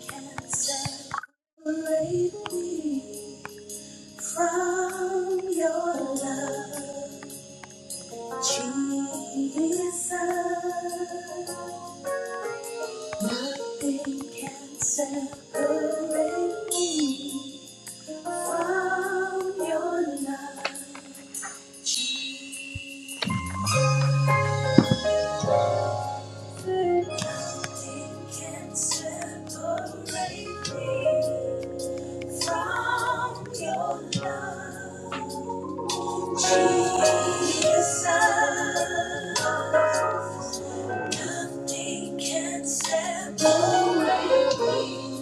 Separate me from your love, Jesus. Nothing can separate me from your love, Jesus. Nothing can separate me from your love. Jesus, nothing can separate me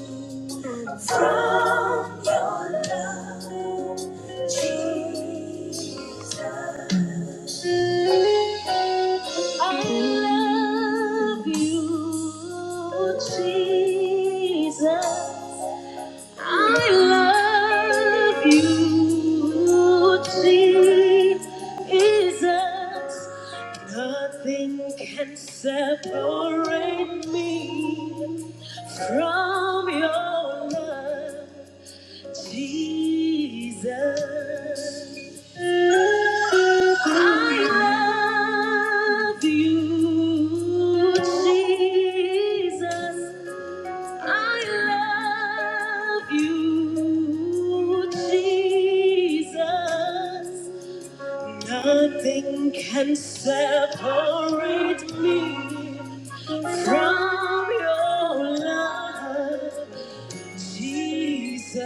from your love. Jesus, I love you, Jesus. I love you, Jesus. Nothing can separate me from your love, Jesus. I love you, Jesus. I love you, Jesus. Nothing can separate me from your love, Jesus.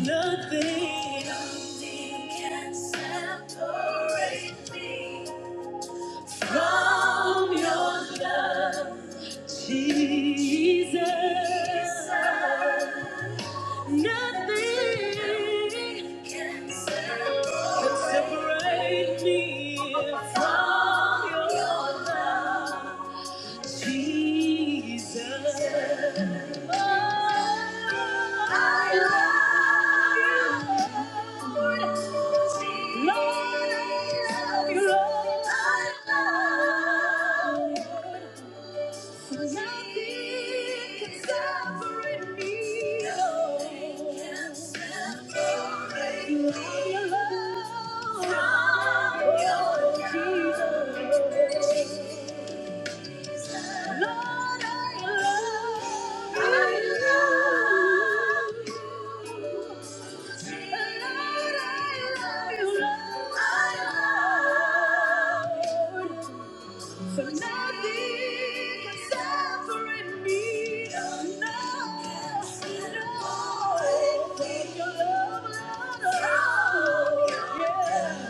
Nothing, nothing can separate me from your love, Jesus. Nothing can separate me from your love, Jesus. Oh, I love you, Lord. Lord, I love you, Lord. I love you nothing can separate me. Nothing can separate me from your love. From your love. Jesus. Lord, I love you. Lord, I love you. Lord, I love you. For nothing can separate me. Oh, no, no. Take your love, Lord, oh, yeah.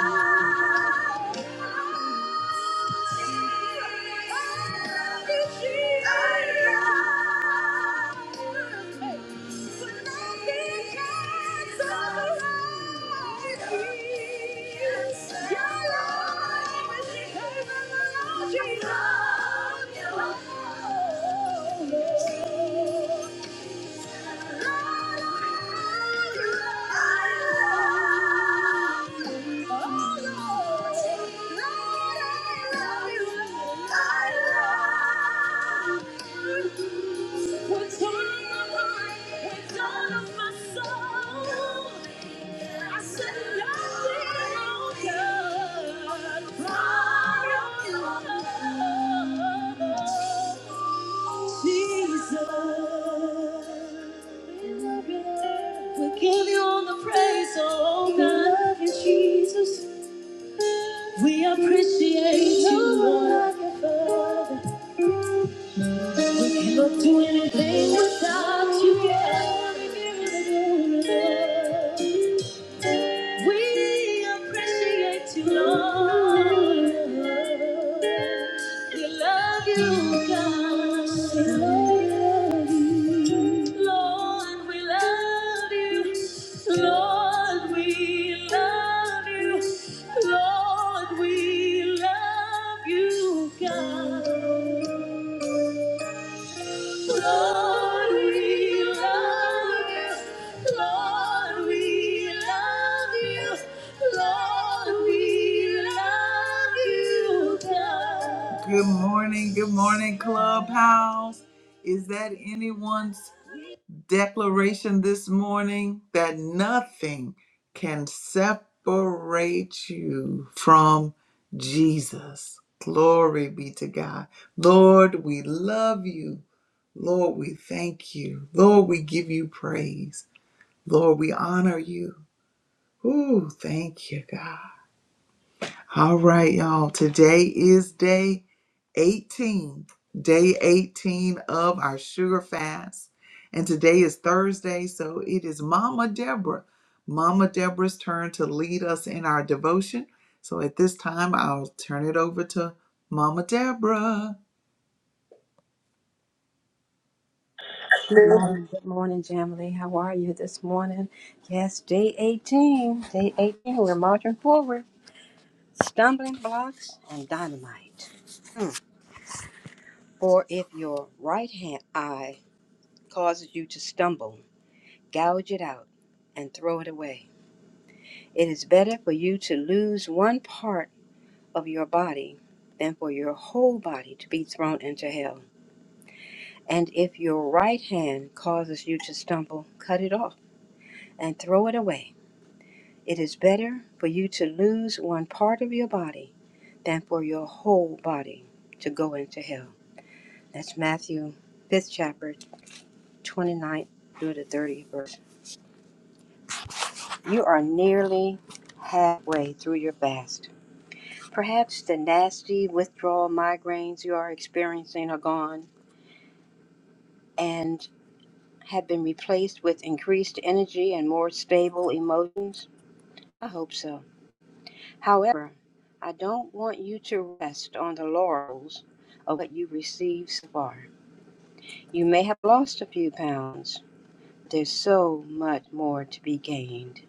Oh, yeah. Jesus. Jesus. We give you all the praise, oh oh God. We love you, Jesus. We appreciate you, Lord. We cannot do anything without you. We appreciate you, Lord. We love you, God. We love you. Lord, we love you. Lord, we love you. Lord, we love you, God. Lord, we love you. Lord, we love you. Lord, we love you, God. Good morning, good morning, Clubhouse. Is that anyone's declaration this morning that nothing can separate you from Jesus? Glory be to God. Lord, we love you. Lord, we thank you. Lord, we give you praise. Lord, we honor you. Ooh, thank you, God. All right, y'all. Today is day 18, day 18 of our sugar fast. And today is Thursday, so it is Mama Deborah. Mama Deborah's turn to lead us in our devotion. So at this time, I'll turn it over to Mama Deborah. Good morning, good morning, Jamily. How are you this morning? Yes, day 18. Day 18, we're marching forward. Stumbling blocks and dynamite. Hmm. For if your right hand eye causes you to stumble, gouge it out and throw it away. It is better for you to lose one part of your body than for your whole body to be thrown into hell. And if your right hand causes you to stumble, cut it off and throw it away. It is better for you to lose one part of your body than for your whole body to go into hell. That's Matthew 5th chapter twenty ninth through the 30th verse. You are nearly halfway through your fast. Perhaps the nasty withdrawal migraines you are experiencing are gone and have been replaced with increased energy and more stable emotions. I hope so. However, I don't want you to rest on the laurels of what you received so far. You may have lost a few pounds. There's so much more to be gained.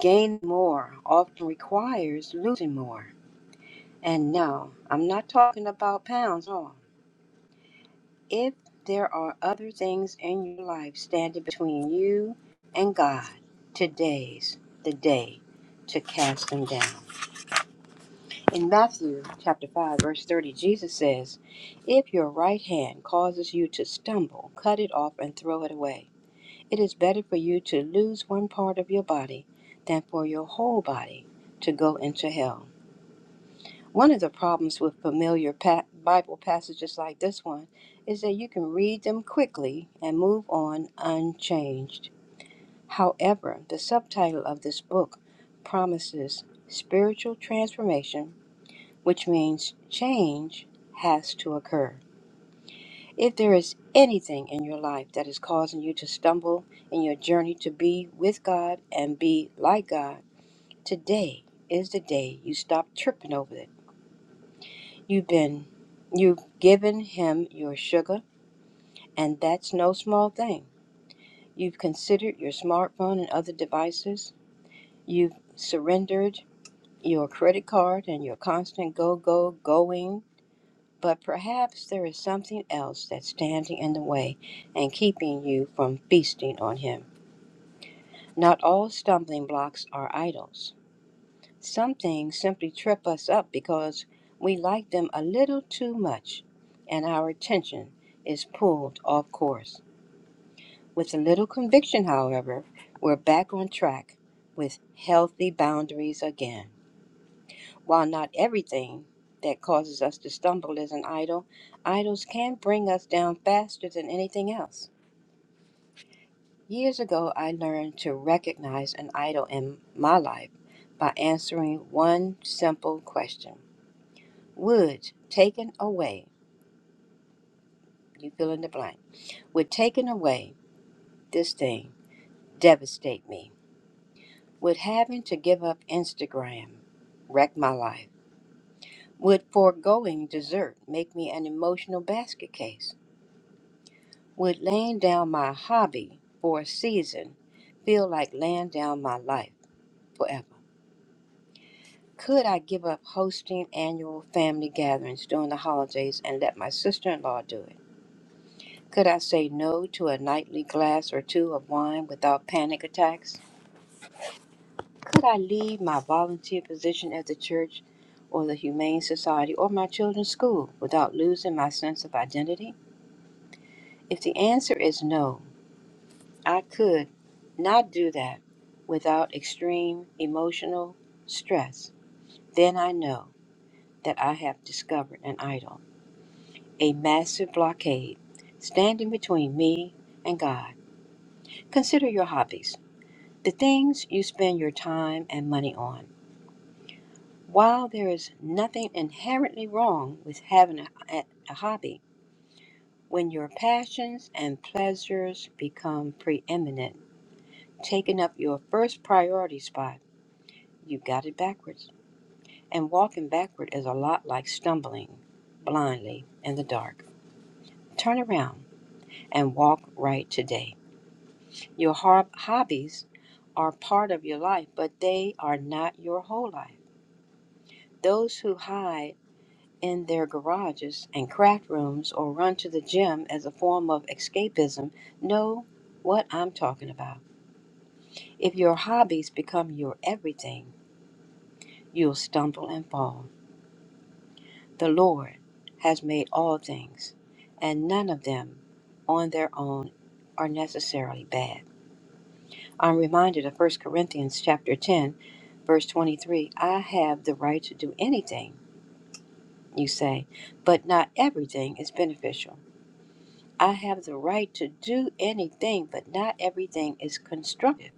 Gaining more often requires losing more. And no, I'm not talking about pounds at all. If there are other things in your life standing between you and God, today's the day to cast them down. In Matthew chapter 5, verse 30, Jesus says, If your right hand causes you to stumble, cut it off and throw it away. It is better for you to lose one part of your body than for your whole body to go into hell. One of the problems with familiar pa- Bible passages like this one is that you can read them quickly and move on unchanged. However, the subtitle of this book promises spiritual transformation which means change has to occur. If there is anything in your life that is causing you to stumble in your journey to be with God and be like God, today is the day you stop tripping over it. You've been you've given him your sugar, and that's no small thing. You've considered your smartphone and other devices. You've surrendered your credit card and your constant go go going But perhaps there is something else that's standing in the way and keeping you from feasting on Him. Not all stumbling blocks are idols. Some things simply trip us up because we like them a little too much and our attention is pulled off course. With a little conviction, however, we're back on track with healthy boundaries again. While not everything that causes us to stumble is an idol, idols can bring us down faster than anything else. Years ago, I learned to recognize an idol in my life by answering one simple question Would taken away, you fill in the blank, would taking away this thing devastate me? Would having to give up Instagram wreck my life? Would foregoing dessert make me an emotional basket case? Would laying down my hobby for a season feel like laying down my life forever? Could I give up hosting annual family gatherings during the holidays and let my sister in law do it? Could I say no to a nightly glass or two of wine without panic attacks? Could I leave my volunteer position at the church or the Humane Society or my children's school without losing my sense of identity? If the answer is no, I could not do that without extreme emotional stress. Then I know that I have discovered an idol, a massive blockade standing between me and God. Consider your hobbies, the things you spend your time and money on. While there is nothing inherently wrong with having a, a a hobby, when your passions and pleasures become preeminent, taking up your first priority spot, you got it backwards. and walking backward is a lot like stumbling blindly in the dark. Turn around and walk right today. Your hobbies are part of your life, but they are not your whole life. Those who hide in their garages and craft rooms or run to the gym as a form of escapism know what I'm talking about. If your hobbies become your everything, you'll stumble and fall. The Lord has made all things, and none of them on their own are necessarily bad. I'm reminded of First Corinthians chapter 10, verse 23. I have the right to do anything, you say, but not everything is beneficial. I have the right to do anything, but not everything is constructive.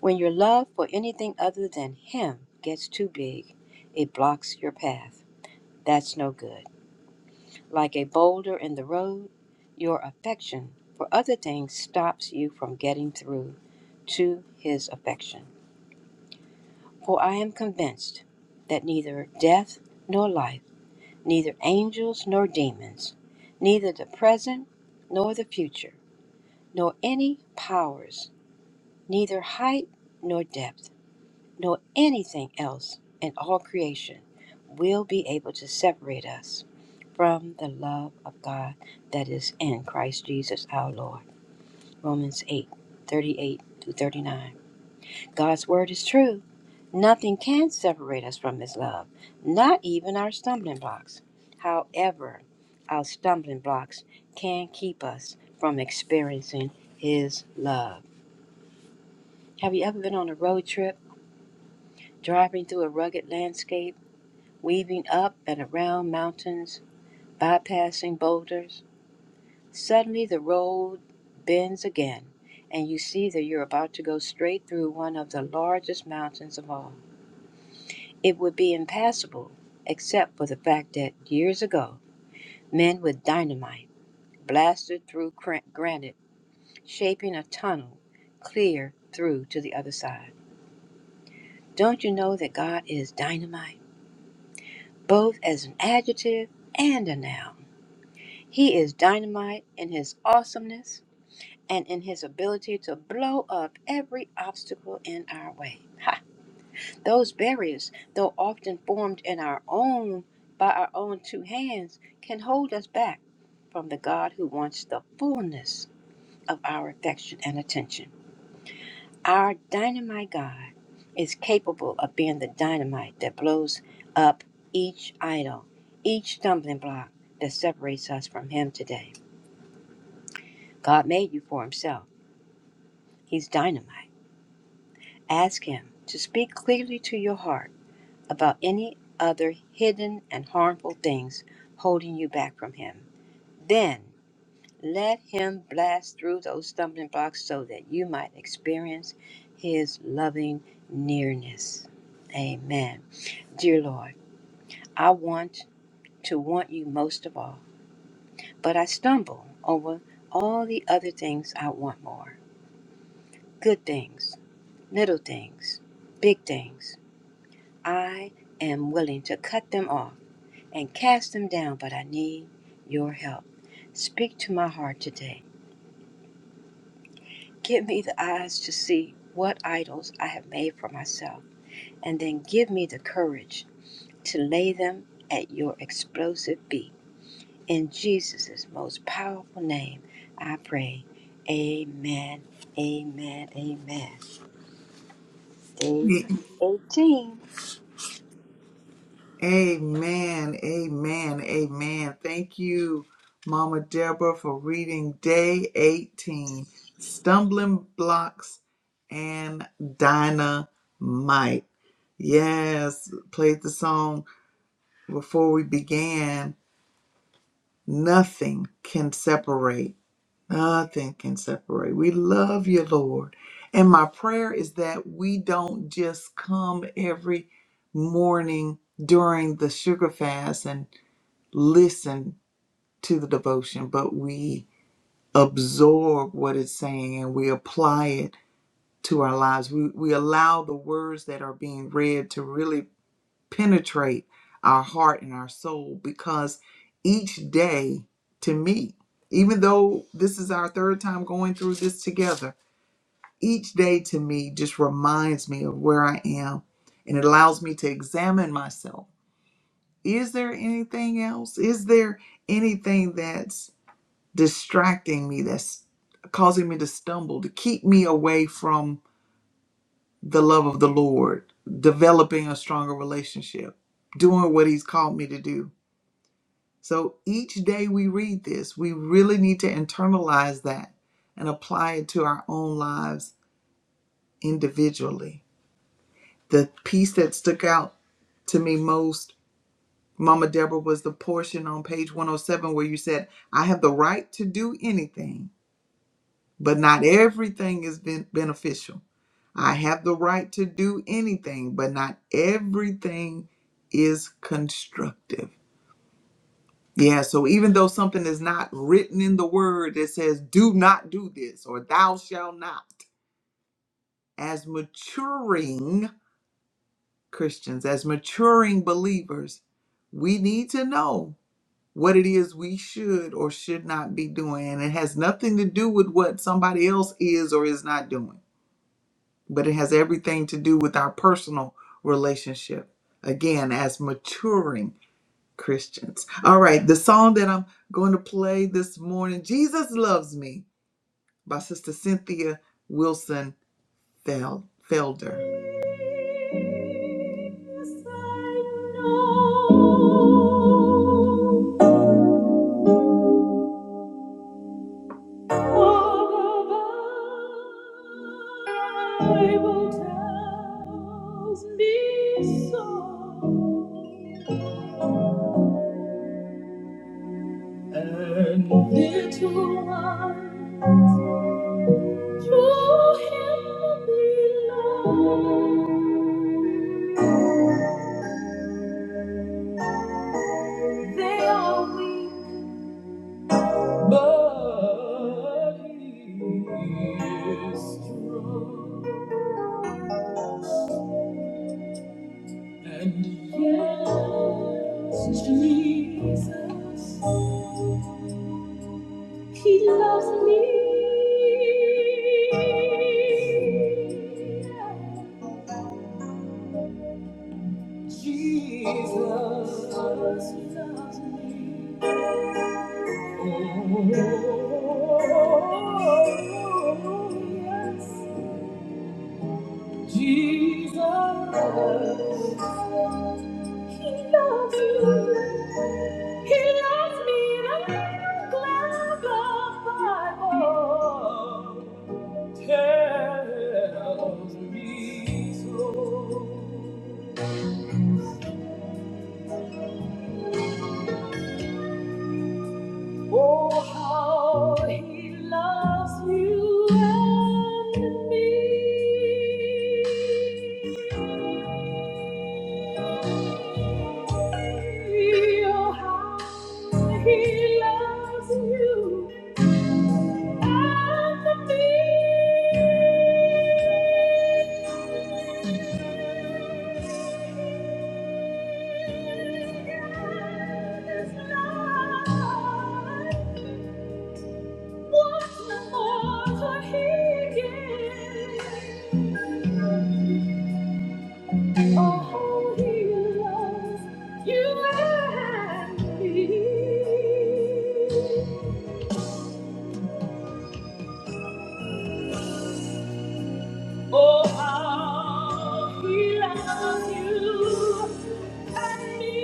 When your love for anything other than Him gets too big, it blocks your path. That's no good. Like a boulder in the road, your affection for other things stops you from getting through to his affection. For I am convinced that neither death nor life, neither angels nor demons, neither the present nor the future, nor any powers, neither height nor depth nor anything else in all creation will be able to separate us from the love of God that is in Christ Jesus our Lord. Romans 838 through 39. God's word is true. Nothing can separate us from His love, not even our stumbling blocks. However, our stumbling blocks can keep us from experiencing His love. Have you ever been on a road trip, driving through a rugged landscape? weaving up and around mountains, bypassing boulders. Suddenly, the road bends again, and you see that you're about to go straight through one of the largest mountains of all. It would be impassable except for the fact that years ago, men with dynamite blasted through granite, shaping a tunnel clear through to the other side. Don't you know that God is dynamite, both as an adjective and a noun? He is dynamite in his awesomeness and in his ability to blow up every obstacle in our way. Ha! Those barriers, though often formed in our own by our own two hands, can hold us back from the God who wants the fullness of our affection and attention. Our dynamite God is capable of being the dynamite that blows up each idol, each stumbling block that separates us from him today. God made you for Himself. He's dynamite. Ask Him to speak clearly to your heart about any other hidden and harmful things holding you back from Him. Then let Him blast through those stumbling blocks so that you might experience His loving nearness. Amen. Dear Lord, I want to want you most of all, but I stumble over all the other things I want more good things little things, big things. I am willing to cut them off and cast them down, but I need your help. Speak to my heart today. Give me the eyes to see what idols I have made for myself, and then give me the courage to lay them at your explosive feet. In Jesus' most powerful name, I pray. Amen. Amen. Amen. Day 18. Amen. Amen. Amen. Thank you, Mama Deborah, for reading day 18 Stumbling Blocks and Dynamite. Yes, played the song before we began. Nothing can separate. Nothing can separate. We love you, Lord. And my prayer is that we don't just come every morning during the sugar fast and listen to the devotion, but we absorb what it's saying and we apply it to our lives. We, we allow the words that are being read to really penetrate our heart and our soul because each day, to me, even though this is our third time going through this together, each day to me just reminds me of where I am and it allows me to examine myself. Is there anything else? Is there anything that's distracting me, that's causing me to stumble, to keep me away from the love of the Lord, developing a stronger relationship, doing what He's called me to do. So each day we read this, we really need to internalize that and apply it to our own lives individually. The piece that stuck out to me most, Mama Deborah, was the portion on page 107 where you said, I have the right to do anything, but not everything is ben- beneficial. I have the right to do anything, but not everything is constructive. Yeah, so even though something is not written in the word that says, do not do this or thou shalt not, as maturing Christians, as maturing believers, we need to know what it is we should or should not be doing. And it has nothing to do with what somebody else is or is not doing but it has everything to do with our personal relationship. Again, as maturing Christians. All right, the song that I'm going to play this morning, Jesus Loves Me, by Sister Cynthia Wilson Fel- Felder. Yes, I know the Bible tells me so. Little ones, through him belong. They are weak, but he is strong. And yes, Jesus, he loves me. Jesus loves me. Oh, yes, Jesus, He loves you. He loves me, and I'm glad the Bible tells me so. Oh, how he loves you and me. Oh, how he loves you and me. God is love. You and me. Oh, how he loves you and me.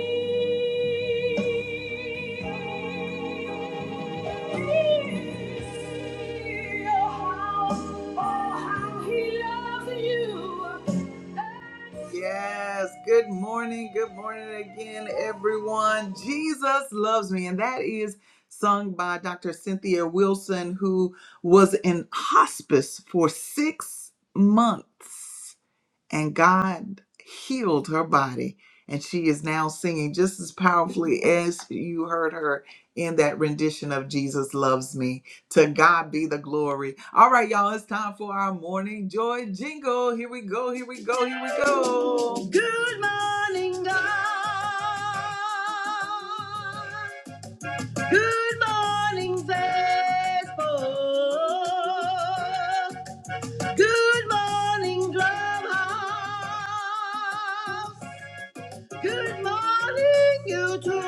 Oh, how, oh, how he loves you. Yes, good morning, good morning again, everyone. Jesus loves me, and that is sung by Dr. Cynthia Wilson, who was in hospice for six months and God healed her body and she is now singing just as powerfully as you heard her in that rendition of Jesus loves me. To God be the glory. All right y'all, it's time for our morning joy jingle. Here we go. Here we go. Here we go. Good morning God. Good morning faithful. Good morning, Clubhouse. Good morning, YouTube.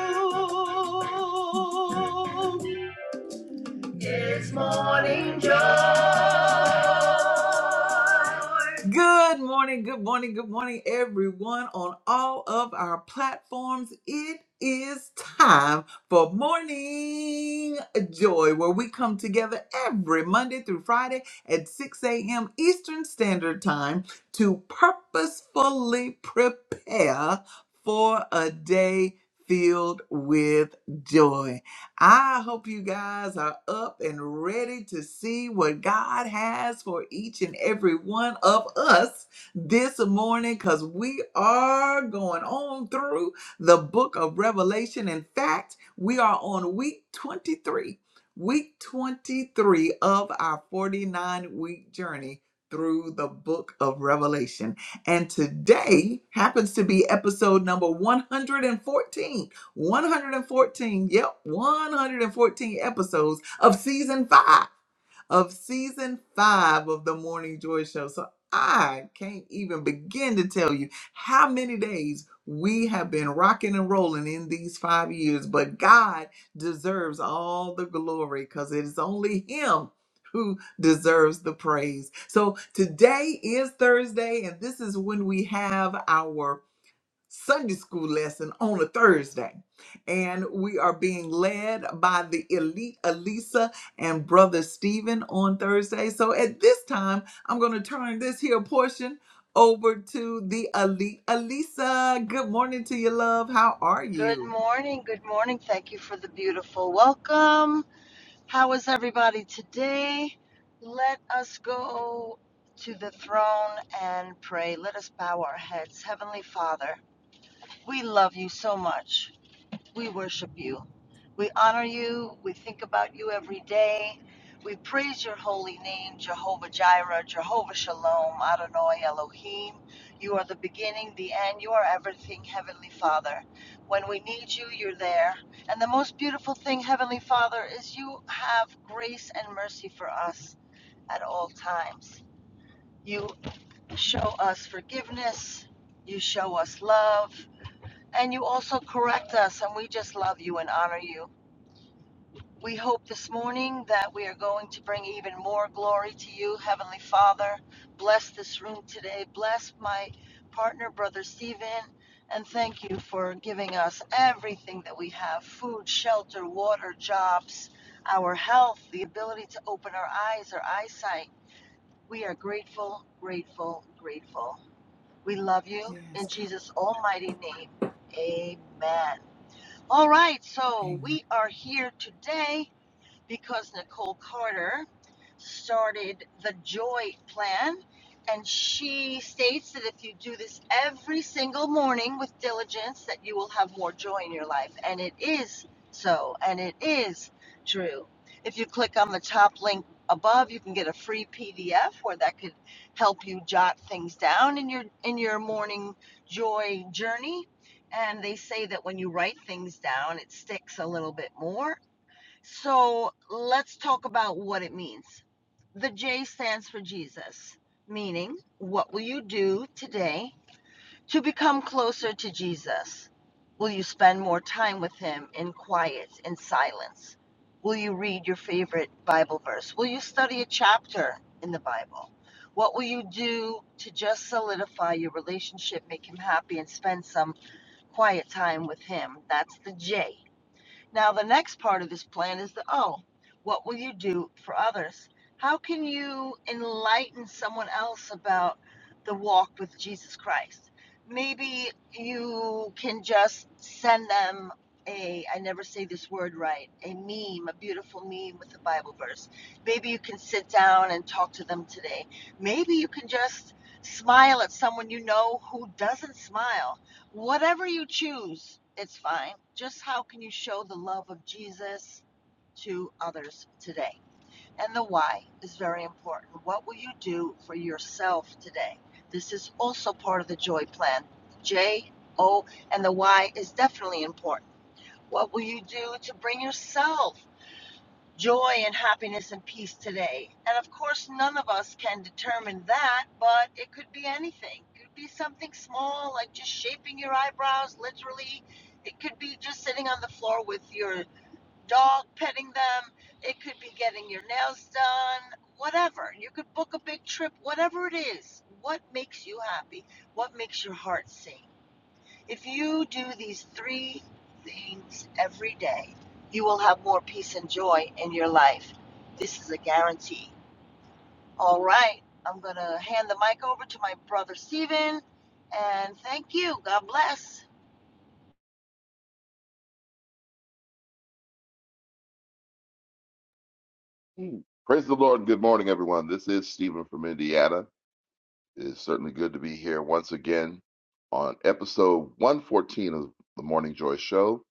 It's morning joy. Good morning, good morning, good morning, everyone on all of our platforms. It is time for Morning Joy, where we come together every Monday through Friday at 6 a.m. Eastern Standard Time to purposefully prepare for a day filled with joy. I hope you guys are up and ready to see what God has for each and every one of us this morning because we are going on through the book of Revelation. In fact, we are on week 23, week 23 of our 49 week journey through the book of Revelation. And today happens to be episode number 114 114, yep, 114 episodes of season five, of season five of the Morning Joy Show. So I can't even begin to tell you how many days we have been rocking and rolling in these five years, but God deserves all the glory because it is only Him. Who deserves the praise? So today is Thursday, and this is when we have our Sunday school lesson on a Thursday. And we are being led by the elite Elisa and brother Stephen on Thursday. So at this time, I'm going to turn this here portion over to the elite Elisa. Good morning to you, love. How are Good you? morning. Good morning. Thank you for the beautiful welcome. How is everybody today? Let us go to the throne and pray. Let us bow our heads. Heavenly Father, we love you so much. We worship you. We honor you. We think about you every day. We praise your holy name, Jehovah Jireh, Jehovah Shalom, Adonai Elohim. You are the beginning, the end. You are everything, Heavenly Father. When we need you, you're there. And the most beautiful thing, Heavenly Father, is you have grace and mercy for us at all times. You show us forgiveness. You show us love. And you also correct us. And we just love you and honor you. We hope this morning that we are going to bring even more glory to you, Heavenly Father. Bless this room today. Bless my partner, Brother Stephen. And thank you for giving us everything that we have food, shelter, water, jobs, our health, the ability to open our eyes, our eyesight. We are grateful, grateful, grateful. We love you Yes, in girl. Jesus' almighty name. Amen. All right, so Amen. we are here today because Nicole Carter started the Joy Plan. And she states that if you do this every single morning with diligence, that you will have more joy in your life. And it is so, and it is true. If you click on the top link above, you can get a free PDF where that could help you jot things down in your in your morning joy journey. And they say that when you write things down, it sticks a little bit more so let's talk about what it means. The J stands for Jesus, meaning, what will you do today to become closer to Jesus? Will you spend more time with Him in quiet, in silence? Will you read your favorite Bible verse? Will you study a chapter in the Bible? What will you do to just solidify your relationship, make Him happy, and spend some quiet time with Him? That's the J. Now, the next part of this plan is the O. What will you do for others? How can you enlighten someone else about the walk with Jesus Christ? Maybe you can just send them a, I never say this word right, a meme, a beautiful meme with a Bible verse. Maybe you can sit down and talk to them today. Maybe you can just smile at someone you know who doesn't smile Whatever you choose, it's fine. Just how can you show the love of Jesus to others today? And the why is very important. What will you do for yourself today? This is also part of the joy plan. J, O, and the why is definitely important. What will you do to bring yourself joy and happiness and peace today. And of course, none of us can determine that, but it could be anything. It could be something small, like just shaping your eyebrows, literally. It could be just sitting on the floor with your dog, petting them. It could be getting your nails done, whatever. You could book a big trip, whatever it is. What makes you happy? What makes your heart sing? If you do these three things every day, you will have more peace and joy in your life. This is a guarantee. All right, I'm going to hand the mic over to my brother Steven and thank you. God bless. Hmm. Praise the Lord. Good morning, everyone. This is Stephen from Indiana. It is certainly good to be here once again on episode 114 of the Morning Joy Show.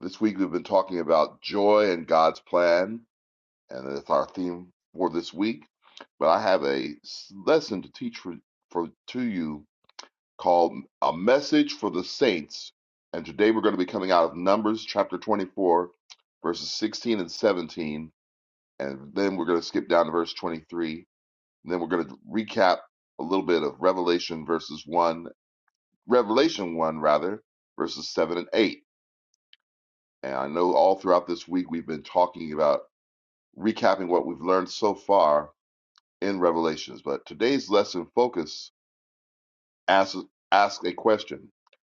This week we've been talking about joy and God's plan, and that's our theme for this week. But I have a s- lesson to teach for, for to you called A Message for the Saints. And today we're going to be coming out of Numbers chapter 24, verses 16 and 17. And then we're going to skip down to verse 23 and then we're going to recap a little bit of Revelation verses 1, Revelation 1, rather, verses 7 and 8. And I know all throughout this week we've been talking about recapping what we've learned so far in Revelations. But today's lesson focus asks, asks a question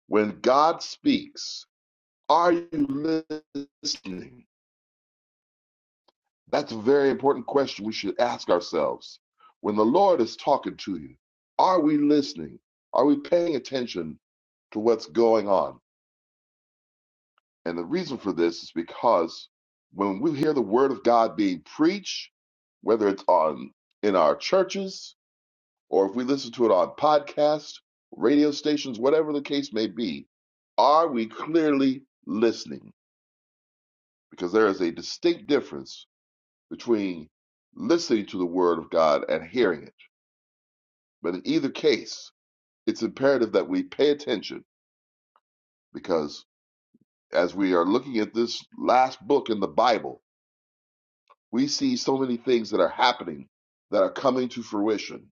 When God speaks, are you listening? That's a very important question we should ask ourselves. When the Lord is talking to you, are we listening? Are we paying attention to what's going on? And the reason for this is because when we hear the word of God being preached, whether it's on in our churches or if we listen to it on podcasts, radio stations, whatever the case may be, are we clearly listening? Because there is a distinct difference between listening to the word of God and hearing it. But in either case, it's imperative that we pay attention because as we are looking at this last book in the Bible, we see so many things that are happening that are coming to fruition.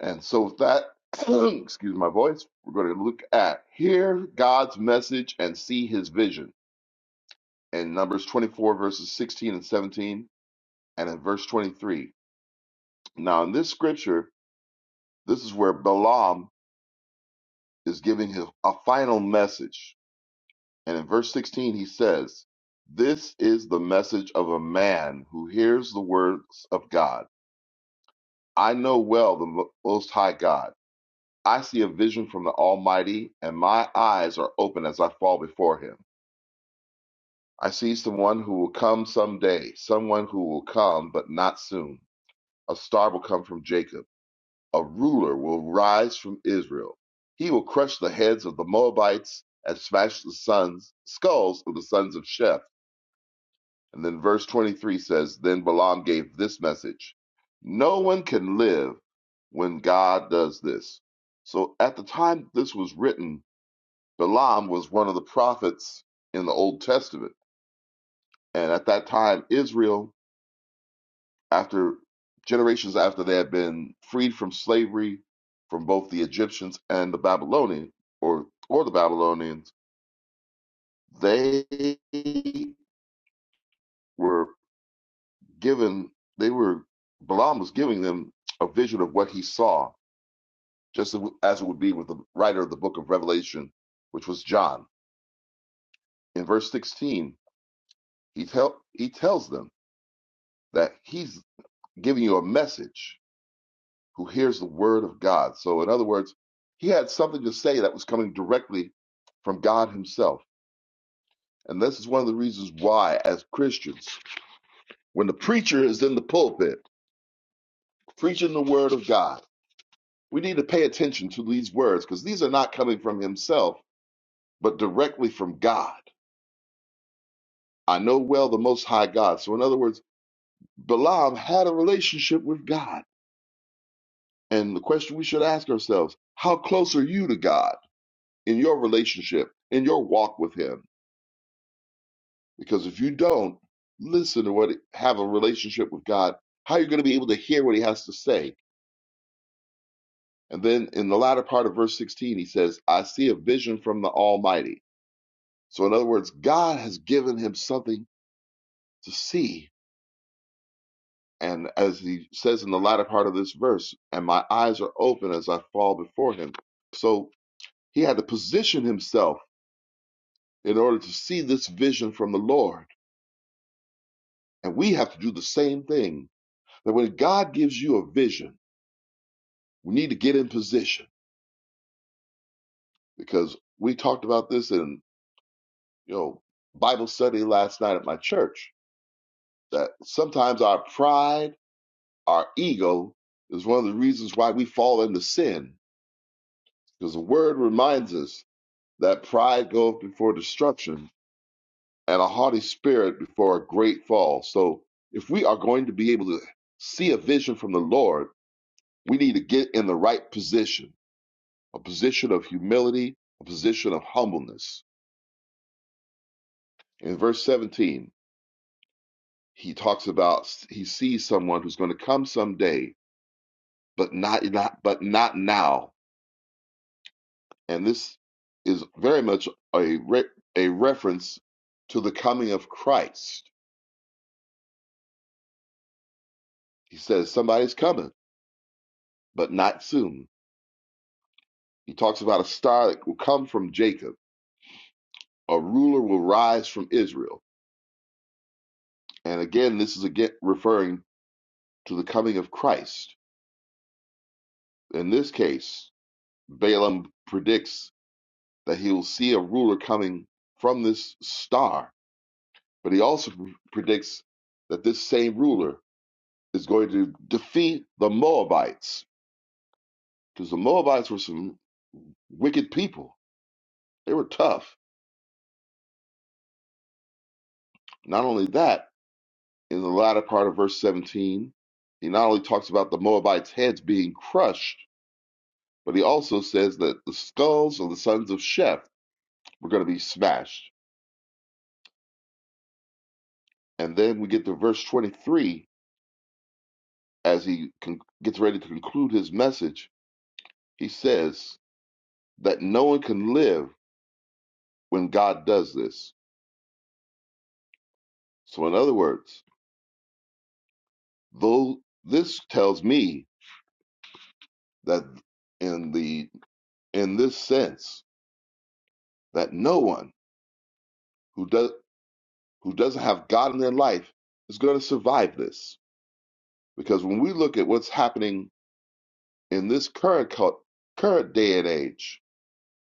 And so, with that, excuse my voice, we're going to look at hear God's message and see his vision in Numbers 24, verses 16 and 17, and in verse 23. Now, in this scripture, this is where Balaam is giving his, a final message. And in verse 16, he says, This is the message of a man who hears the words of God. I know well the Mo- Most High God. I see a vision from the Almighty, and my eyes are open as I fall before him. I see someone who will come someday, someone who will come, but not soon. A star will come from Jacob a ruler will rise from Israel. He will crush the heads of the Moabites and smash the sons, skulls of the sons of Sheph. And then verse 23 says, Then Balaam gave this message No one can live when God does this. So at the time this was written, Balaam was one of the prophets in the Old Testament. And at that time, Israel after generations after they had been freed from slavery from both the Egyptians and the Babylonians or or the Babylonians, they were given they were Balaam was giving them a vision of what he saw, just as it would be with the writer of the book of Revelation, which was John. In verse 16, he tell he tells them that he's giving you a message who hears the word of God. So, in other words, he had something to say that was coming directly from God himself. And this is one of the reasons why, as Christians, when the preacher is in the pulpit preaching the word of God, we need to pay attention to these words because these are not coming from himself, but directly from God. I know well the Most High God. So, in other words, Balaam had a relationship with God. And the question we should ask ourselves how close are you to God in your relationship, in your walk with Him? Because if you don't listen to what have a relationship with God, how are you going to be able to hear what he has to say? And then in the latter part of verse 16, he says, I see a vision from the Almighty. So in other words, God has given him something to see. And as he says in the latter part of this verse, and my eyes are open as I fall before him. So he had to position himself in order to see this vision from the Lord. And we have to do the same thing. That when God gives you a vision, We need to get in position because we talked about this in you know Bible study last night at my church that sometimes our pride, our ego is one of the reasons why we fall into sin because the word reminds us that pride goeth before destruction and a haughty spirit before a great fall. So if we are going to be able to see a vision from the Lord, we need to get in the right position, a position of humility, a position of humbleness. In verse 17, he talks about he sees someone who's going to come someday, but not not but not now. And this is very much a re, a reference to the coming of Christ. He says somebody's coming, but not soon. He talks about a star that will come from Jacob, a ruler will rise from Israel. And again, this is again referring to the coming of Christ. In this case, Balaam predicts that he will see a ruler coming from this star But he also predicts that this same ruler is going to defeat the Moabites because the Moabites were some wicked people. They were tough. Not only that, in the latter part of verse 17, he not only talks about the Moabites' heads being crushed, but he also says that the skulls of the sons of Sheph were going to be smashed. And then we get to verse 23 as he con- gets ready to conclude his message. He says that no one can live when God does this. So, in other words, though this tells me that in the in this sense that no one who does who doesn't have God in their life is going to survive this, because when we look at what's happening in this current cult, current day and age,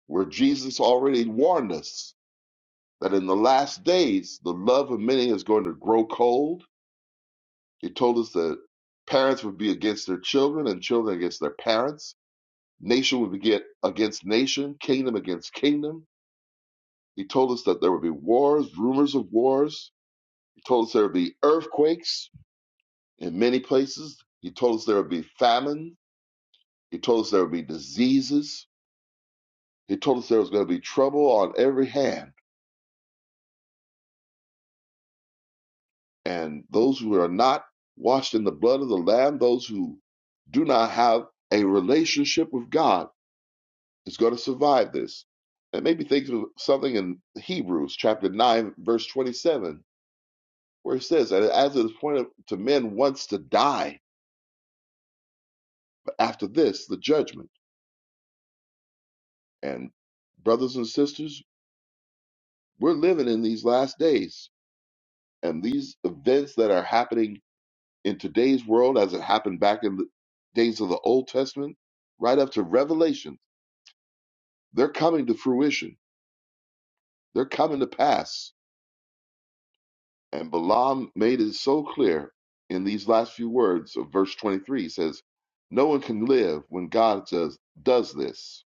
where Jesus already warned us that in the last days the love of many is going to grow cold, he told us that parents would be against their children and children against their parents Nation would get against nation, kingdom against kingdom. He told us that there would be wars, rumors of wars. He told us there would be earthquakes in many places. He told us there would be famine. He told us there would be diseases. He told us there was going to be trouble on every hand. And those who are not washed in the blood of the Lamb, those who do not have a relationship with God, is going to survive this. It made me think of something in Hebrews chapter 9, verse 27 where he says, and as it is pointed to men wants to die, but after this, the judgment. And brothers and sisters, we're living in these last days, and these events that are happening in today's world, as it happened back in the days of the Old Testament, right up to Revelation, they're coming to fruition. They're coming to pass. And Balaam made it so clear in these last few words of verse 23. He says, No one can live when God does, does this.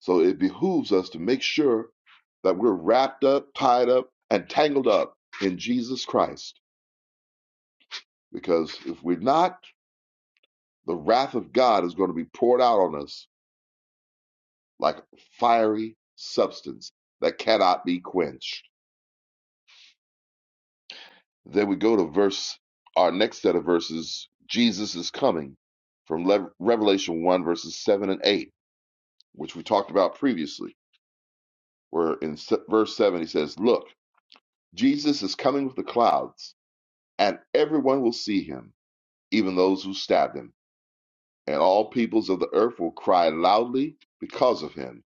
So it behooves us to make sure that we're wrapped up, tied up, and tangled up in Jesus Christ. Because if we're not, the wrath of God is going to be poured out on us like a fiery substance that cannot be quenched. Then we go to verse, our next set of verses, Jesus is coming from Le- Revelation 1, verses 7 and 8, which we talked about previously, where in se- verse 7 he says, Look, Jesus is coming with the clouds and everyone will see him, even those who stabbed him. And all peoples of the earth will cry loudly because of him.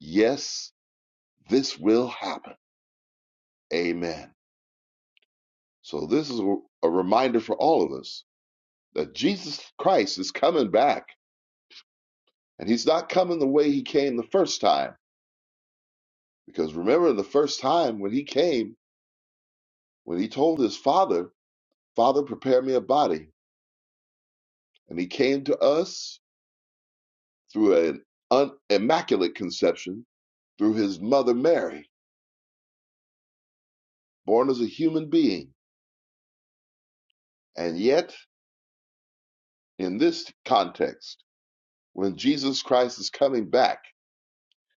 Yes, this will happen. Amen. So, this is a reminder for all of us that Jesus Christ is coming back, and he's not coming the way he came the first time. Because remember, the first time when he came, when he told his father, Father, prepare me a body, and he came to us through an un- immaculate conception through his mother Mary, born as a human being. And yet, in this context, when Jesus Christ is coming back,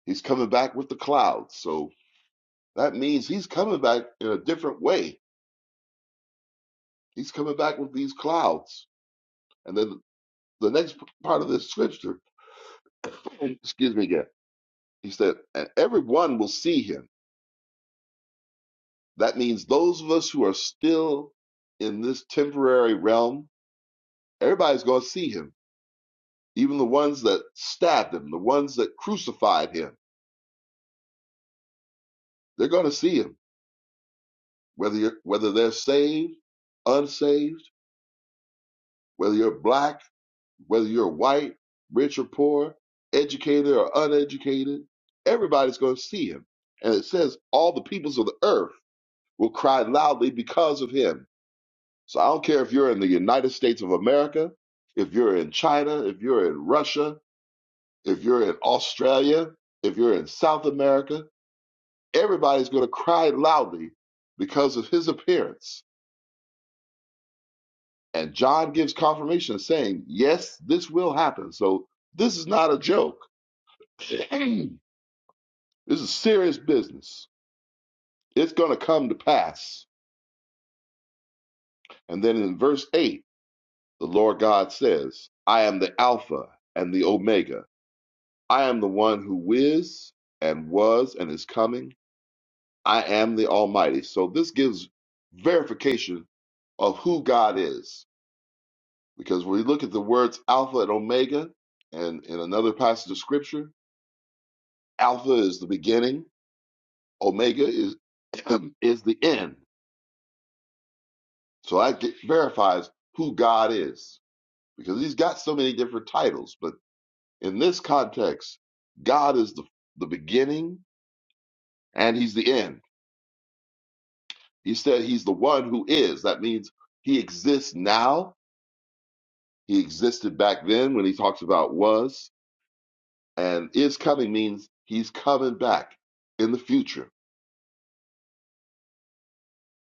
he's coming back with the clouds. So that means he's coming back in a different way. He's coming back with these clouds. And then the next part of this scripture, excuse me again, he said, and everyone will see him. That means those of us who are still in this temporary realm Everybody's going to see him. Even the ones that stabbed him, the ones that crucified him, they're going to see him. Whether you're, whether they're saved, unsaved, whether you're black, whether you're white, rich or poor, educated or uneducated, everybody's going to see him. And it says all the peoples of the earth will cry loudly because of him. So I don't care if you're in the United States of America, if you're in China, if you're in Russia, if you're in Australia, if you're in South America, Everybody's going to cry loudly because of his appearance. And John gives confirmation saying, Yes, this will happen. So this is not a joke. this is serious business. It's going to come to pass. And then in verse 8, the Lord God says, I am the Alpha and the Omega. I am the one who is and was and is coming. I am the Almighty. So this gives verification of who God is Because when we look at the words Alpha and Omega, and in another passage of Scripture, Alpha is the beginning, Omega is is the end. So that get, verifies who God is, because He's got so many different titles. But in this context, God is the the beginning and He's the end. He said He's the one who is. That means He exists now. He existed back then when He talks about was and is coming means He's coming back in the future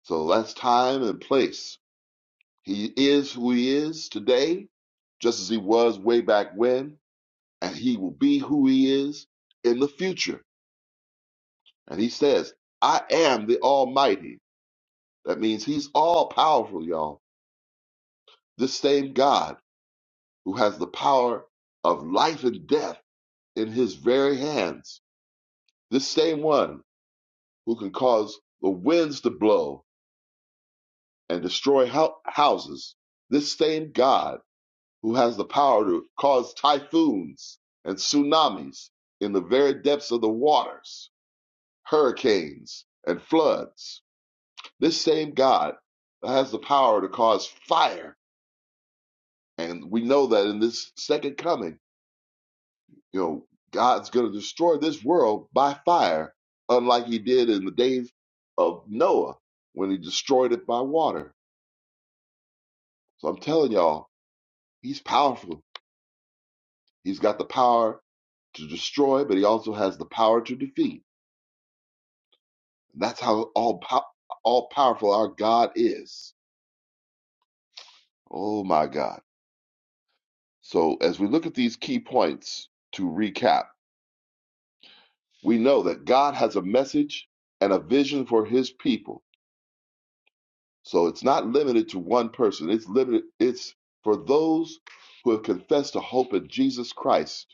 So that's time and place. He is who he is today, just as he was way back when, and he will be who he is in the future. And he says, I am the Almighty. That means he's all powerful, y'all. This same God who has the power of life and death in his very hands. This same one who can cause the winds to blow and destroy houses. This same God who has the power to cause typhoons and tsunamis in the very depths of the waters, hurricanes and floods. This same God has the power to cause fire, and we know that in this second coming, you know, God's going to destroy this world by fire, unlike He did in the days of Noah when He destroyed it by water. So I'm telling y'all, He's powerful. He's got the power to destroy, but He also has the power to defeat. That's how all pow- all powerful our God is. Oh my God. So as we look at these key points to recap, we know that God has a message and a vision for his people. So it's not limited to one person. It's limited it's for those who have confessed to hope in Jesus Christ.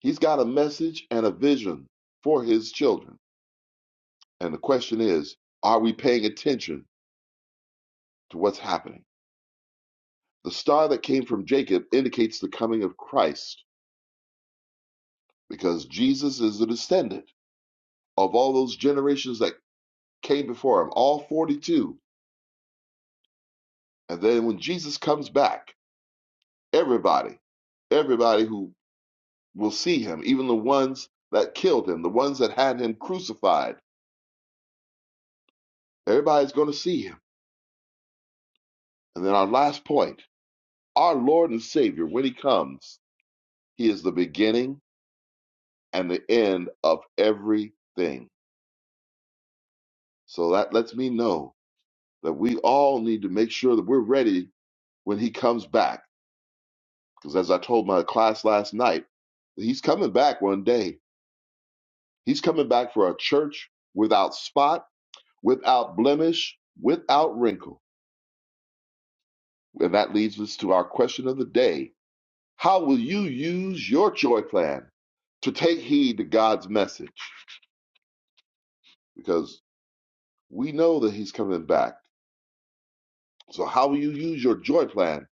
He's got a message and a vision for his children. And the question is, are we paying attention to what's happening? The star that came from Jacob indicates the coming of Christ because Jesus is the descendant of all those generations that came before him, all 42. And then when Jesus comes back, everybody, everybody who will see him, even the ones that killed him, the ones that had him crucified, everybody's going to see him. And then our last point our Lord and Savior, when he comes, he is the beginning and the end of everything. So that lets me know that we all need to make sure that we're ready when he comes back Because as I told my class last night, he's coming back one day. He's coming back for a church without spot, without blemish, without wrinkle. And that leads us to our question of the day. How will you use your joy plan to take heed to God's message? Because we know that he's coming back. So how will you use your joy plan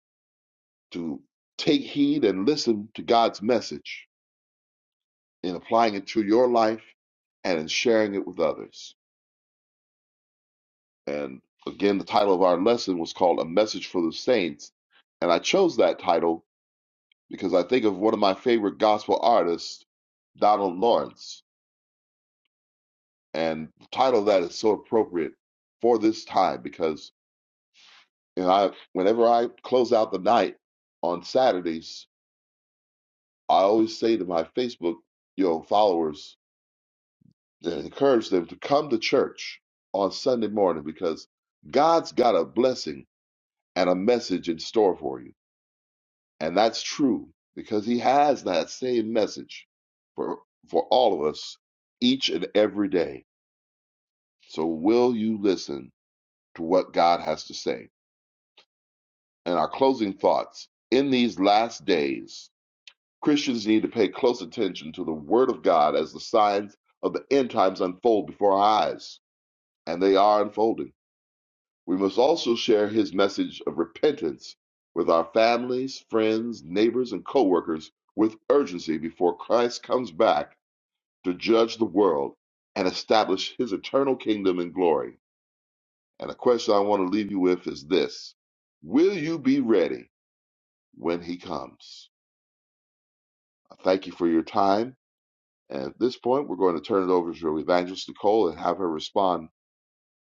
to take heed and listen to God's message in applying it to your life and in sharing it with others? And again, the title of our lesson was called A Message for the Saints. And I chose that title because I think of one of my favorite gospel artists, Donald Lawrence. And the title of that is so appropriate for this time because you know, I, whenever I close out the night on Saturdays, I always say to my Facebook you know, followers and encourage them to come to church on Sunday morning because God's got a blessing and a message in store for you. And that's true because he has that same message for, for all of us each and every day. So, will you listen to what God has to say? And our closing thoughts in these last days, Christians need to pay close attention to the Word of God as the signs of the end times unfold before our eyes. And they are unfolding. We must also share his message of repentance with our families, friends, neighbors, and coworkers with urgency before Christ comes back to judge the world and establish his eternal kingdom in glory. And the question I want to leave you with is this Will you be ready when he comes? I thank you for your time. And at this point, we're going to turn it over to Evangelist Nicole and have her respond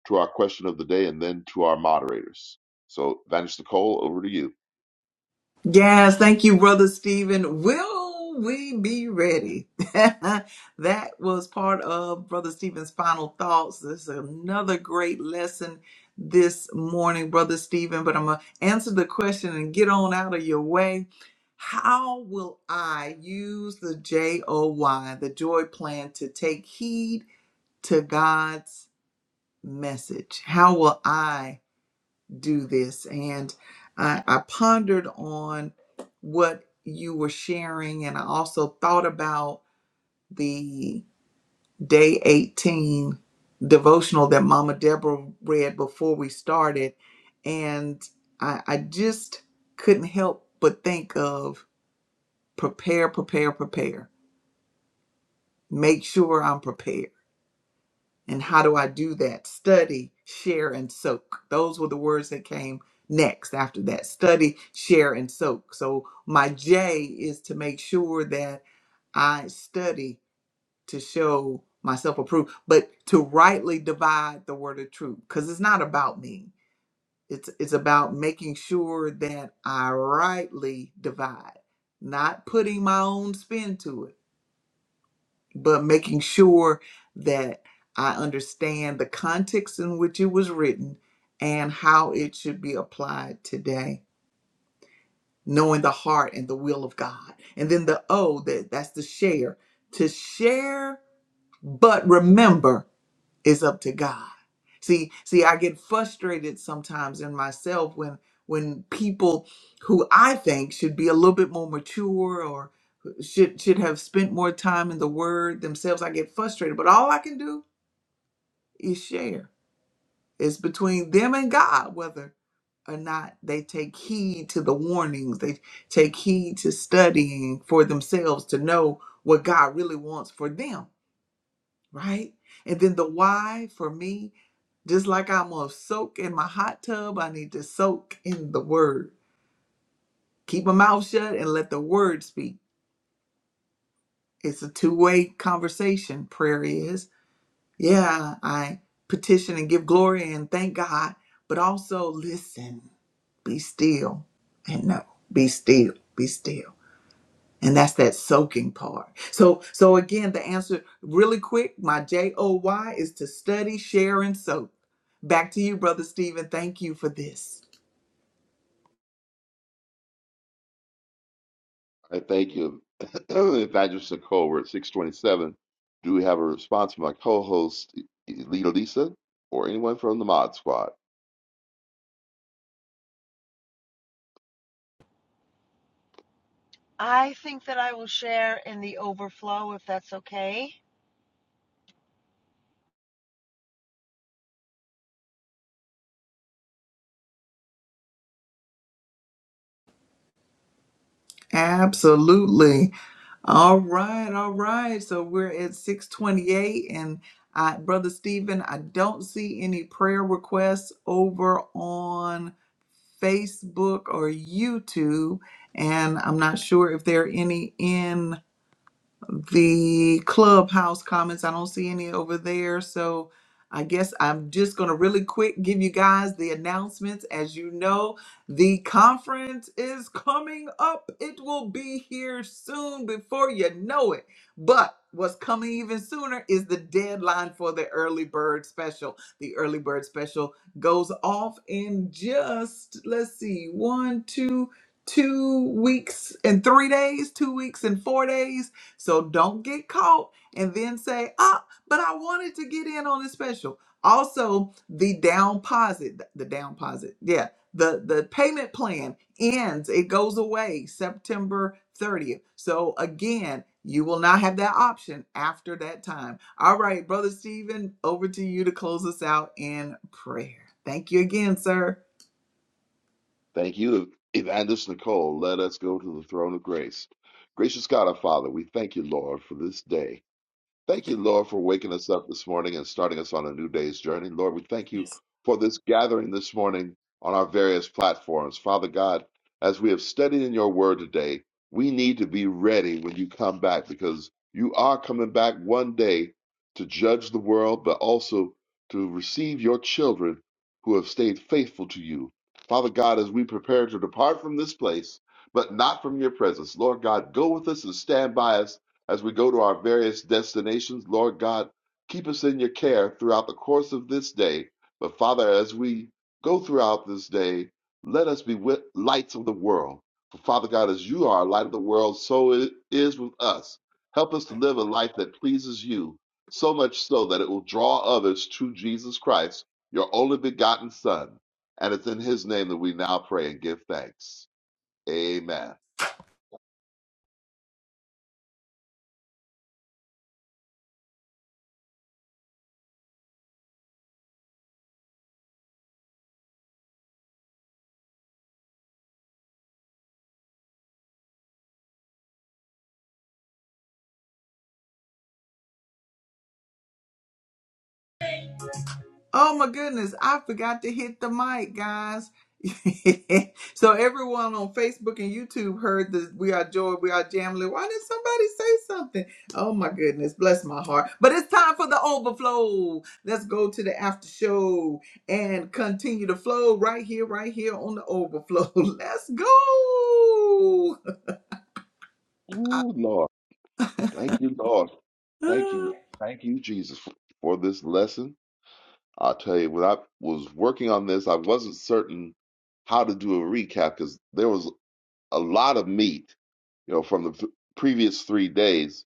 to our question of the day and then to our moderators. So, Evangelist Nicole, over to you. Yes, thank you, Brother Stephen. Will we be ready? that was part of Brother Stephen's final thoughts. This is another great lesson this morning, Brother Stephen, but I'm going to answer the question and get on out of your way. How will I use the J O Y, the joy plan, to take heed to God's message? How will I? do this. And I, I pondered on what you were sharing, and I also thought about the day 18 devotional that Mama Deborah read before we started. And I, I just couldn't help but think of prepare, prepare, prepare. Make sure I'm prepared And how do I do that? Study, share, and soak. Those were the words that came next after that. Study, share, and soak. So my J is to make sure that I study to show myself approved, but to rightly divide the word of truth. Because it's not about me. It's it's about making sure that I rightly divide, not putting my own spin to it but making sure that I understand the context in which it was written and how it should be applied today, knowing the heart and the will of God. And then the O that that's the share, to share but remember it's up to God. See, see, I get frustrated sometimes in myself when when people who I think should be a little bit more mature or should should have spent more time in the word themselves, I get frustrated. But all I can do is share. It's between them and God whether or not they take heed to the warnings, they take heed to studying for themselves to know what God really wants for them, right? And then the why for me just like I'm going to soak in my hot tub, I need to soak in the word. Keep my mouth shut and let the word speak. It's a two way conversation, prayer is. Yeah, I petition and give glory and thank God, but also listen, be still, and know. be still, be still. And that's that soaking part. So, so again, the answer really quick, my J O Y is to study, share, and soak. Back to you, Brother Stephen. Thank you for this. I thank you. Evangelist Nicole, we're at 627. Do we have a response from my co-host, Lita Lisa, or anyone from the Mod Squad? I think that I will share in the overflow if that's okay. Absolutely. All right, all right. So we're at 628 and I brother Stephen, I don't see any prayer requests over on Facebook or YouTube and I'm not sure if there are any in the clubhouse comments i don't see any over there so i guess i'm just going to really quick give you guys the announcements as you know the conference is coming up it will be here soon before you know it but what's coming even sooner is the deadline for the early bird special the early bird special goes off in just let's see one two two weeks and three days two weeks and four days so don't get caught and then say, ah, but I wanted to get in on the special. Also, the down deposit, the down deposit, yeah, the, the payment plan ends, it goes away September 30th. So again, you will not have that option after that time. All right, Brother Stephen, over to you to close us out in prayer. Thank you again, sir. Thank you, Evangelist Nicole. Let us go to the throne of grace. Gracious God, our Father, we thank you, Lord, for this day. Thank you, Lord, for waking us up this morning and starting us on a new day's journey. Lord, we thank you for this gathering this morning on our various platforms. Father God, as we have studied in your word today, we need to be ready when you come back because you are coming back one day to judge the world, but also to receive your children who have stayed faithful to you. Father God, as we prepare to depart from this place, but not from your presence, Lord God, go with us and stand by us as we go to our various destinations, Lord God, keep us in your care throughout the course of this day. But Father, as we go throughout this day, let us be wi- lights of the world. For Father God, as you are a light of the world, so it is with us. Help us to live a life that pleases you, so much so that it will draw others to Jesus Christ, your only begotten Son. And it's in his name that we now pray and give thanks. Amen. Oh my goodness, I forgot to hit the mic, guys. so everyone on Facebook and YouTube heard that we are joy, we are jambling. Why didn't somebody say something? Oh my goodness, bless my heart. But it's time for the overflow. Let's go to the after show and continue to flow right here, right here on the overflow. Let's go. Ooh, Lord. Thank you, Lord. Thank you. Thank you, Jesus, for, for this lesson. I'll tell you, when I was working on this, I wasn't certain how to do a recap because there was a lot of meat, you know, from the f- previous three days.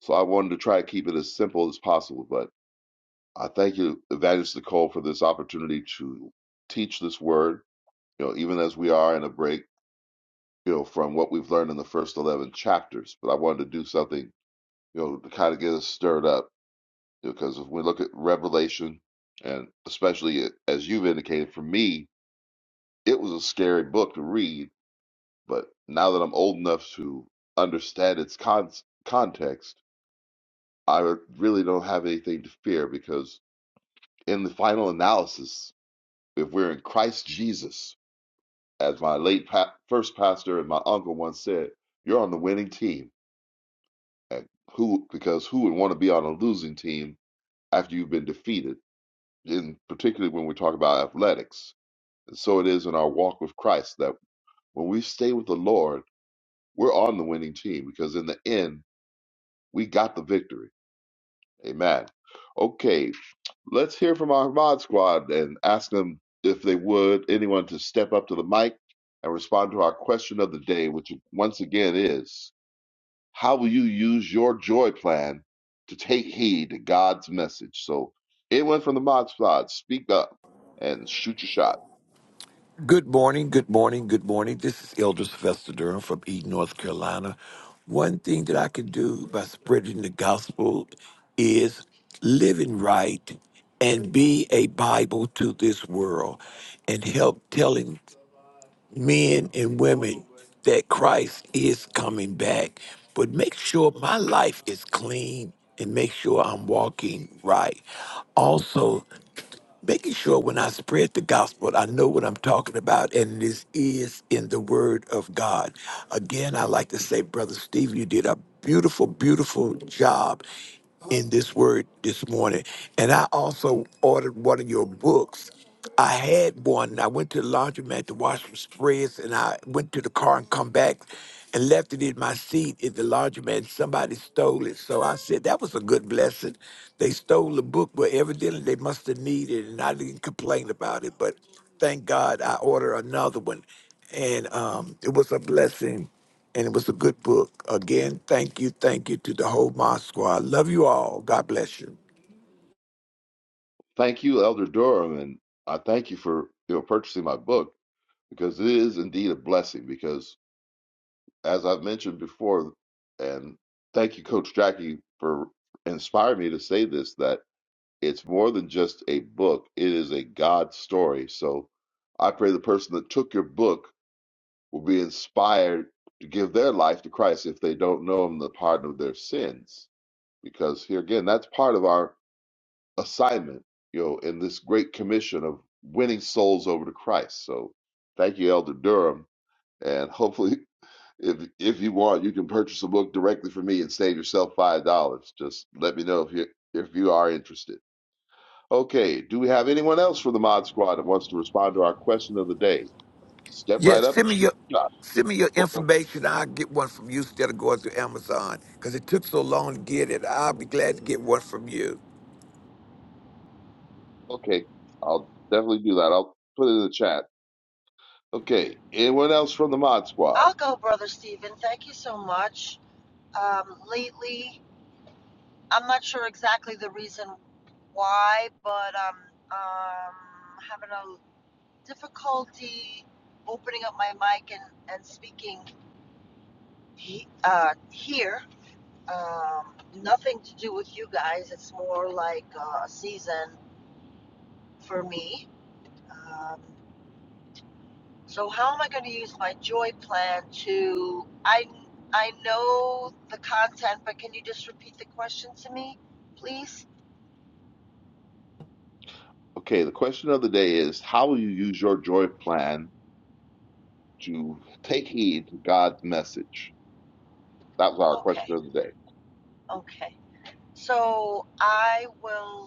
So I wanted to try to keep it as simple as possible. But I thank you, Evangelist Nicole, for this opportunity to teach this word, you know, even as we are in a break, you know, from what we've learned in the first 11 chapters. But I wanted to do something, you know, to kind of get us stirred up Because if we look at Revelation, and especially as you've indicated, for me, it was a scary book to read. But now that I'm old enough to understand its con- context, I really don't have anything to fear because in the final analysis, if we're in Christ Jesus, as my late pa- first pastor and my uncle once said, you're on the winning team. And who, because who would want to be on a losing team after you've been defeated? In particularly when we talk about athletics And so it is in our walk with Christ that when we stay with the Lord, we're on the winning team because in the end, we got the victory. Amen. Okay, let's hear from our mod squad and ask them if they would, anyone to step up to the mic and respond to our question of the day, which once again is how will you use your joy plan to take heed to God's message? So, anyone from the mod squad, speak up and shoot your shot. Good morning, good morning, good morning. This is Elder Sylvester Durham from Eden, North Carolina. One thing that I can do by spreading the gospel is living right and be a Bible to this world and help telling men and women that Christ is coming back. But make sure my life is clean and make sure I'm walking right. Also, making sure when I spread the gospel, I know what I'm talking about, and this is in the Word of God. Again, I like to say, Brother Steve, you did a beautiful, beautiful job in this Word this morning. And I also ordered one of your books. I had one. I went to the laundromat to wash some spreads, and I went to the car and come back and left it in my seat at the laundromat. And somebody stole it. So I said, that was a good blessing. They stole the book, but evidently they must have needed it, and I didn't complain about it. But thank God I ordered another one. And um, it was a blessing, and it was a good book. Again, thank you, thank you to the whole Moscow. I love you all. God bless you. Thank you, Elder Durham, and I thank you for you know purchasing my book because it is indeed a blessing. Because as I've mentioned before, and thank you, Coach Jackie, for inspiring me to say this that it's more than just a book; it is a God story. So I pray the person that took your book will be inspired to give their life to Christ if they don't know Him, the pardon of their sins. Because here again, that's part of our assignment, you know, in this great commission of winning souls over to Christ. So thank you, Elder Durham. And hopefully, if if you want, you can purchase a book directly from me and save yourself five dollars. Just let me know if you if you are interested. Okay, do we have anyone else from the Mod Squad that wants to respond to our question of the day? Step Yeah, right up and send me shoot your your shot. send me your Oh, oh, information. I'll get one from you instead of going to Amazon because it took so long to get it. I'll be glad to get one from you. Okay, I'll definitely do that. I'll put it in the chat. Okay, anyone else from the Mod Squad? I'll go, brother Steven. Thank you so much. Um, lately, I'm not sure exactly the reason why, but um, um, having a difficulty opening up my mic and, and speaking he, uh, here. Um, nothing to do with you guys. It's more like uh, a season for me. Um, so how am I going to use my joy plan to? I I know the content, but can you just repeat the question to me, please? Okay, the question of the day is how will you use your joy plan to take heed to God's message? That was our question Okay. of the day. Okay. So I will.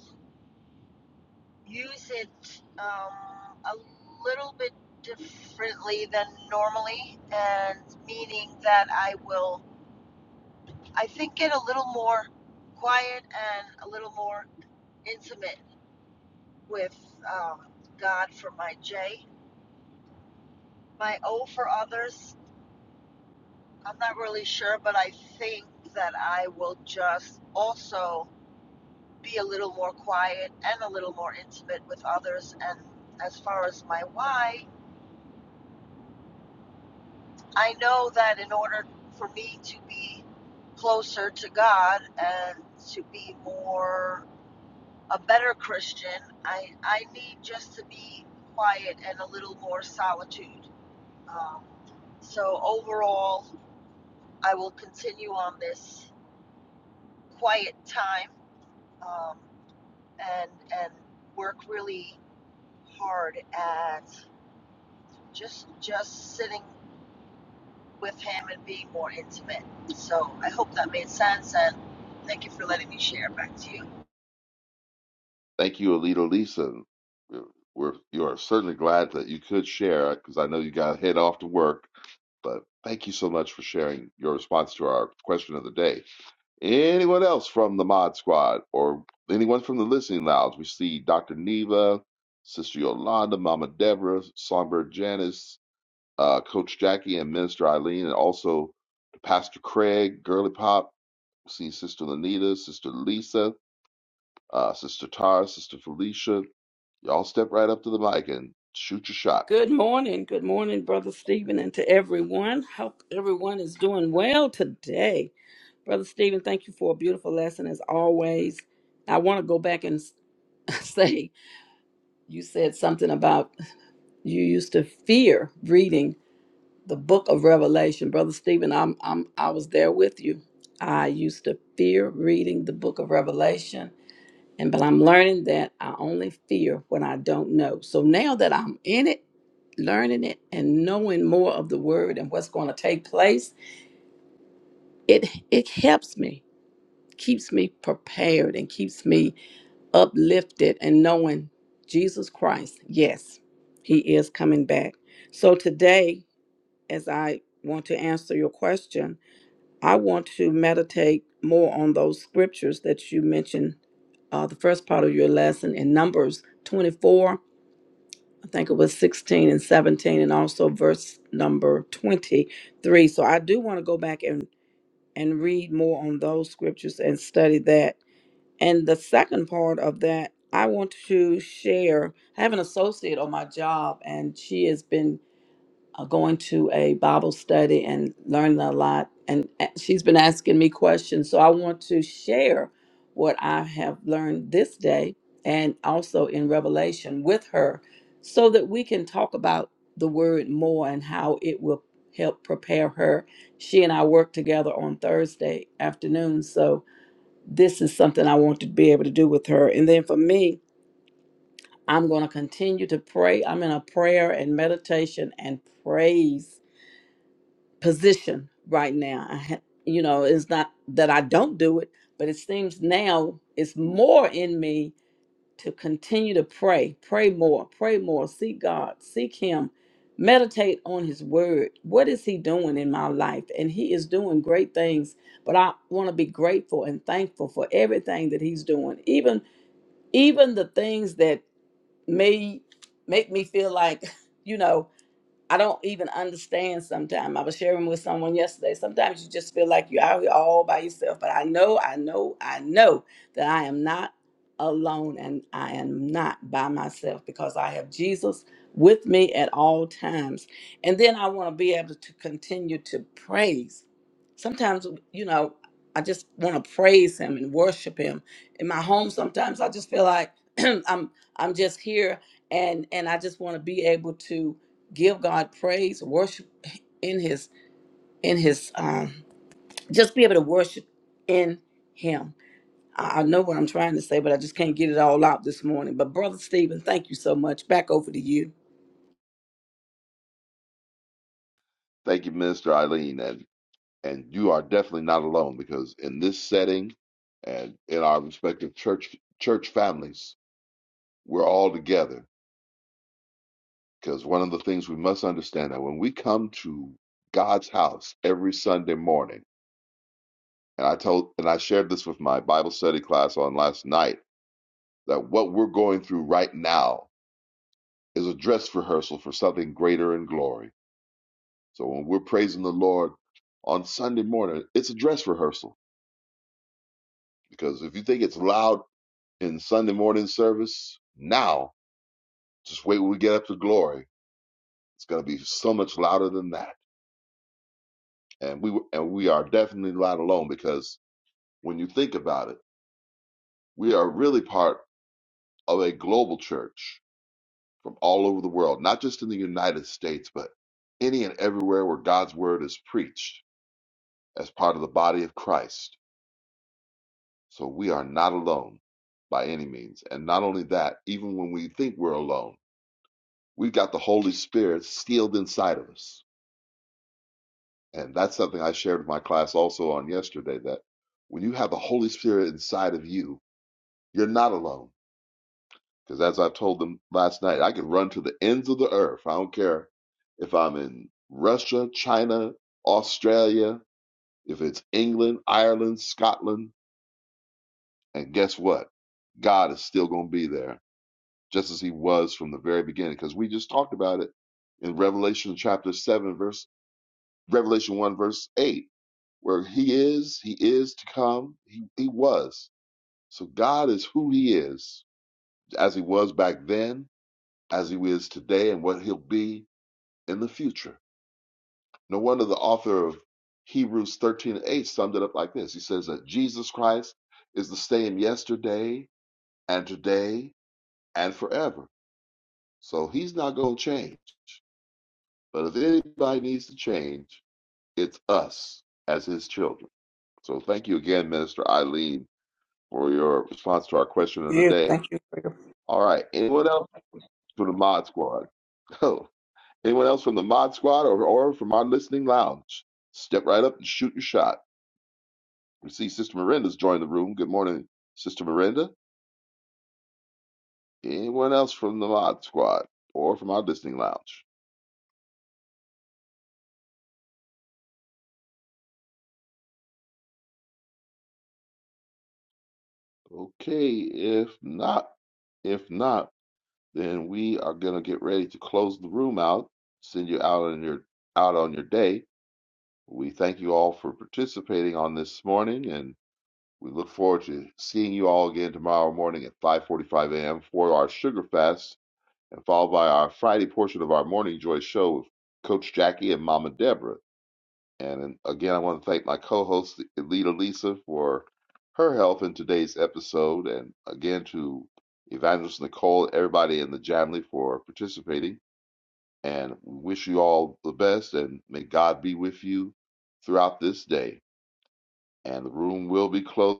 use it um, a little bit differently than normally, and meaning that I will, I think, get a little more quiet and a little more intimate with um, God for my J. My O for others, I'm not really sure, but I think that I will just also be a little more quiet and a little more intimate with others. And as far as my Y. I know that in order for me to be closer to God and to be more a better Christian, I I need just to be quiet and a little more solitude. Um, so overall, I will continue on this quiet time um, and and work really hard at just just sitting with him and being more intimate. So I hope that made sense and thank you for letting me share. Back to you. Thank you, Alito Lisa. We're, we're you are certainly glad that you could share because I know you got to head off to work, but thank you so much for sharing your response to our question of the day. Anyone else from the Mod Squad or anyone from the Listening Lounge? We see Dr. Neva, Sister Yolanda, Mama Deborah, Songbird Janice, uh, Coach Jackie and Minister Eileen, and also Pastor Craig, Girly Pop, see Sister Lanita, Sister Lisa, uh, Sister Tara, Sister Felicia. Y'all step right up to the mic and shoot your shot. Good morning. Good morning, Brother Stephen, and to everyone. Hope everyone is doing well today. Brother Stephen, thank you for a beautiful lesson as always. I want to go back and s- say you said something about you used to fear reading the book of Revelation. Brother Stephen, I'm, I'm I was there with you. I used to fear reading the book of Revelation and but I'm learning that I only fear what I don't know. So now that I'm in it, learning it and knowing more of the word and what's going to take place, it it helps me, keeps me prepared and keeps me uplifted and knowing Jesus Christ, yes, he is coming back. So today, as I want to answer your question, I want to meditate more on those scriptures that you mentioned, uh, the first part of your lesson in Numbers 24, I think it was 16 and 17, and also verse number 23. So I do want to go back and, and read more on those scriptures and study that. And the second part of that, I want to share. I have an associate on my job, and she has been uh, going to a Bible study and learning a lot. And uh, she's been asking me questions. So I want to share what I have learned this day and also in Revelation with her so that we can talk about the word more and how it will help prepare her. She and I work together on Thursday afternoon. So this is something I want to be able to do with her. And then for me, I'm going to continue to pray. I'm in a prayer and meditation and praise position right now. I ha- you know, it's not that I don't do it, but it seems now it's more in me to continue to pray, pray more, pray more, seek God, seek Him, meditate on His Word. What is He doing in my life? And He is doing great things. But I want to be grateful and thankful for everything that He's doing, even even the things that may make me feel like, you know. I don't even understand sometimes. I was sharing with someone yesterday. Sometimes you just feel like you're out here all by yourself. But I know, I know, I know that I am not alone and I am not by myself because I have Jesus with me at all times. And then I want to be able to continue to praise. Sometimes, you know, I just want to praise him and worship him. In my home, sometimes I just feel like I'm I'm just here and and I just want to be able to give God praise, worship in His in His um, just be able to worship in Him. I I know what I'm trying to say, but I just can't get it all out this morning. But brother Stephen, thank you so much. Back over to you. Thank you, Minister Eileen, and and you are definitely not alone because in this setting and in our respective church church families, we're all together. Because one of the things we must understand that when we come to God's house every Sunday morning And I told and I shared this with my Bible study class on last night that what we're going through right now is a dress rehearsal for something greater in glory. So when we're praising the Lord on Sunday morning, it's a dress rehearsal. Because if you think it's loud in Sunday morning service, now just wait when we get up to glory. It's gonna be so much louder than that. And we and we are definitely not alone because when you think about it, we are really part of a global church from all over the world, not just in the United States, but any and everywhere where God's word is preached as part of the body of Christ. So we are not alone by any means. And not only that, even when we think we're alone, we've got the Holy Spirit sealed inside of us. And that's something I shared with my class also on yesterday that when you have the Holy Spirit inside of you, you're not alone Because as I told them last night, I can run to the ends of the earth. I don't care if I'm in Russia, China, Australia, if it's England, Ireland, Scotland. And guess what? God is still going to be there, just as he was from the very beginning. Because we just talked about it in Revelation chapter 7, verse Revelation 1, verse 8, where he is, he is to come, he, he was. So God is who he is, as he was back then, as he is today and what he'll be in the future. No wonder the author of Hebrews 13 and 8 summed it up like this He says that Jesus Christ is the same yesterday and today and forever. So he's not going to change. But if anybody needs to change, it's us as his children. So thank you again, Minister Eileen, for your response to our question of the Yeah, day. thank you. for your All right. Anyone else for the Mod Squad? Go. Anyone else from the Mod Squad or, or from our listening lounge? Step right up and shoot your shot. We see Sister Miranda's joined the room. Good morning, Sister Miranda. Anyone else from the Mod Squad or from our listening lounge? Okay, if not, if not, then we are gonna get ready to close the room out, send you out on your out on your day. We thank you all for participating on this morning, and we look forward to seeing you all again tomorrow morning at 5:45 a.m. for our sugar fast and followed by our Friday portion of our Morning Joy show with Coach Jackie and Mama Deborah. And again, I want to thank my co host, Lita Lisa, for her help in today's episode. And again, to Evangelist Nicole, everybody in the Jamley for participating. And wish you all the best. And may God be with you throughout this day. And the room will be closed.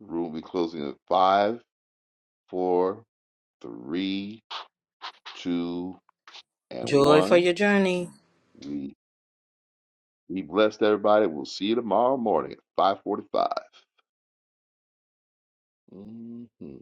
The Room will be closing at five, four, three, two, and Joy for one. your journey. We Be blessed, everybody. We'll see you tomorrow morning at 545. hmm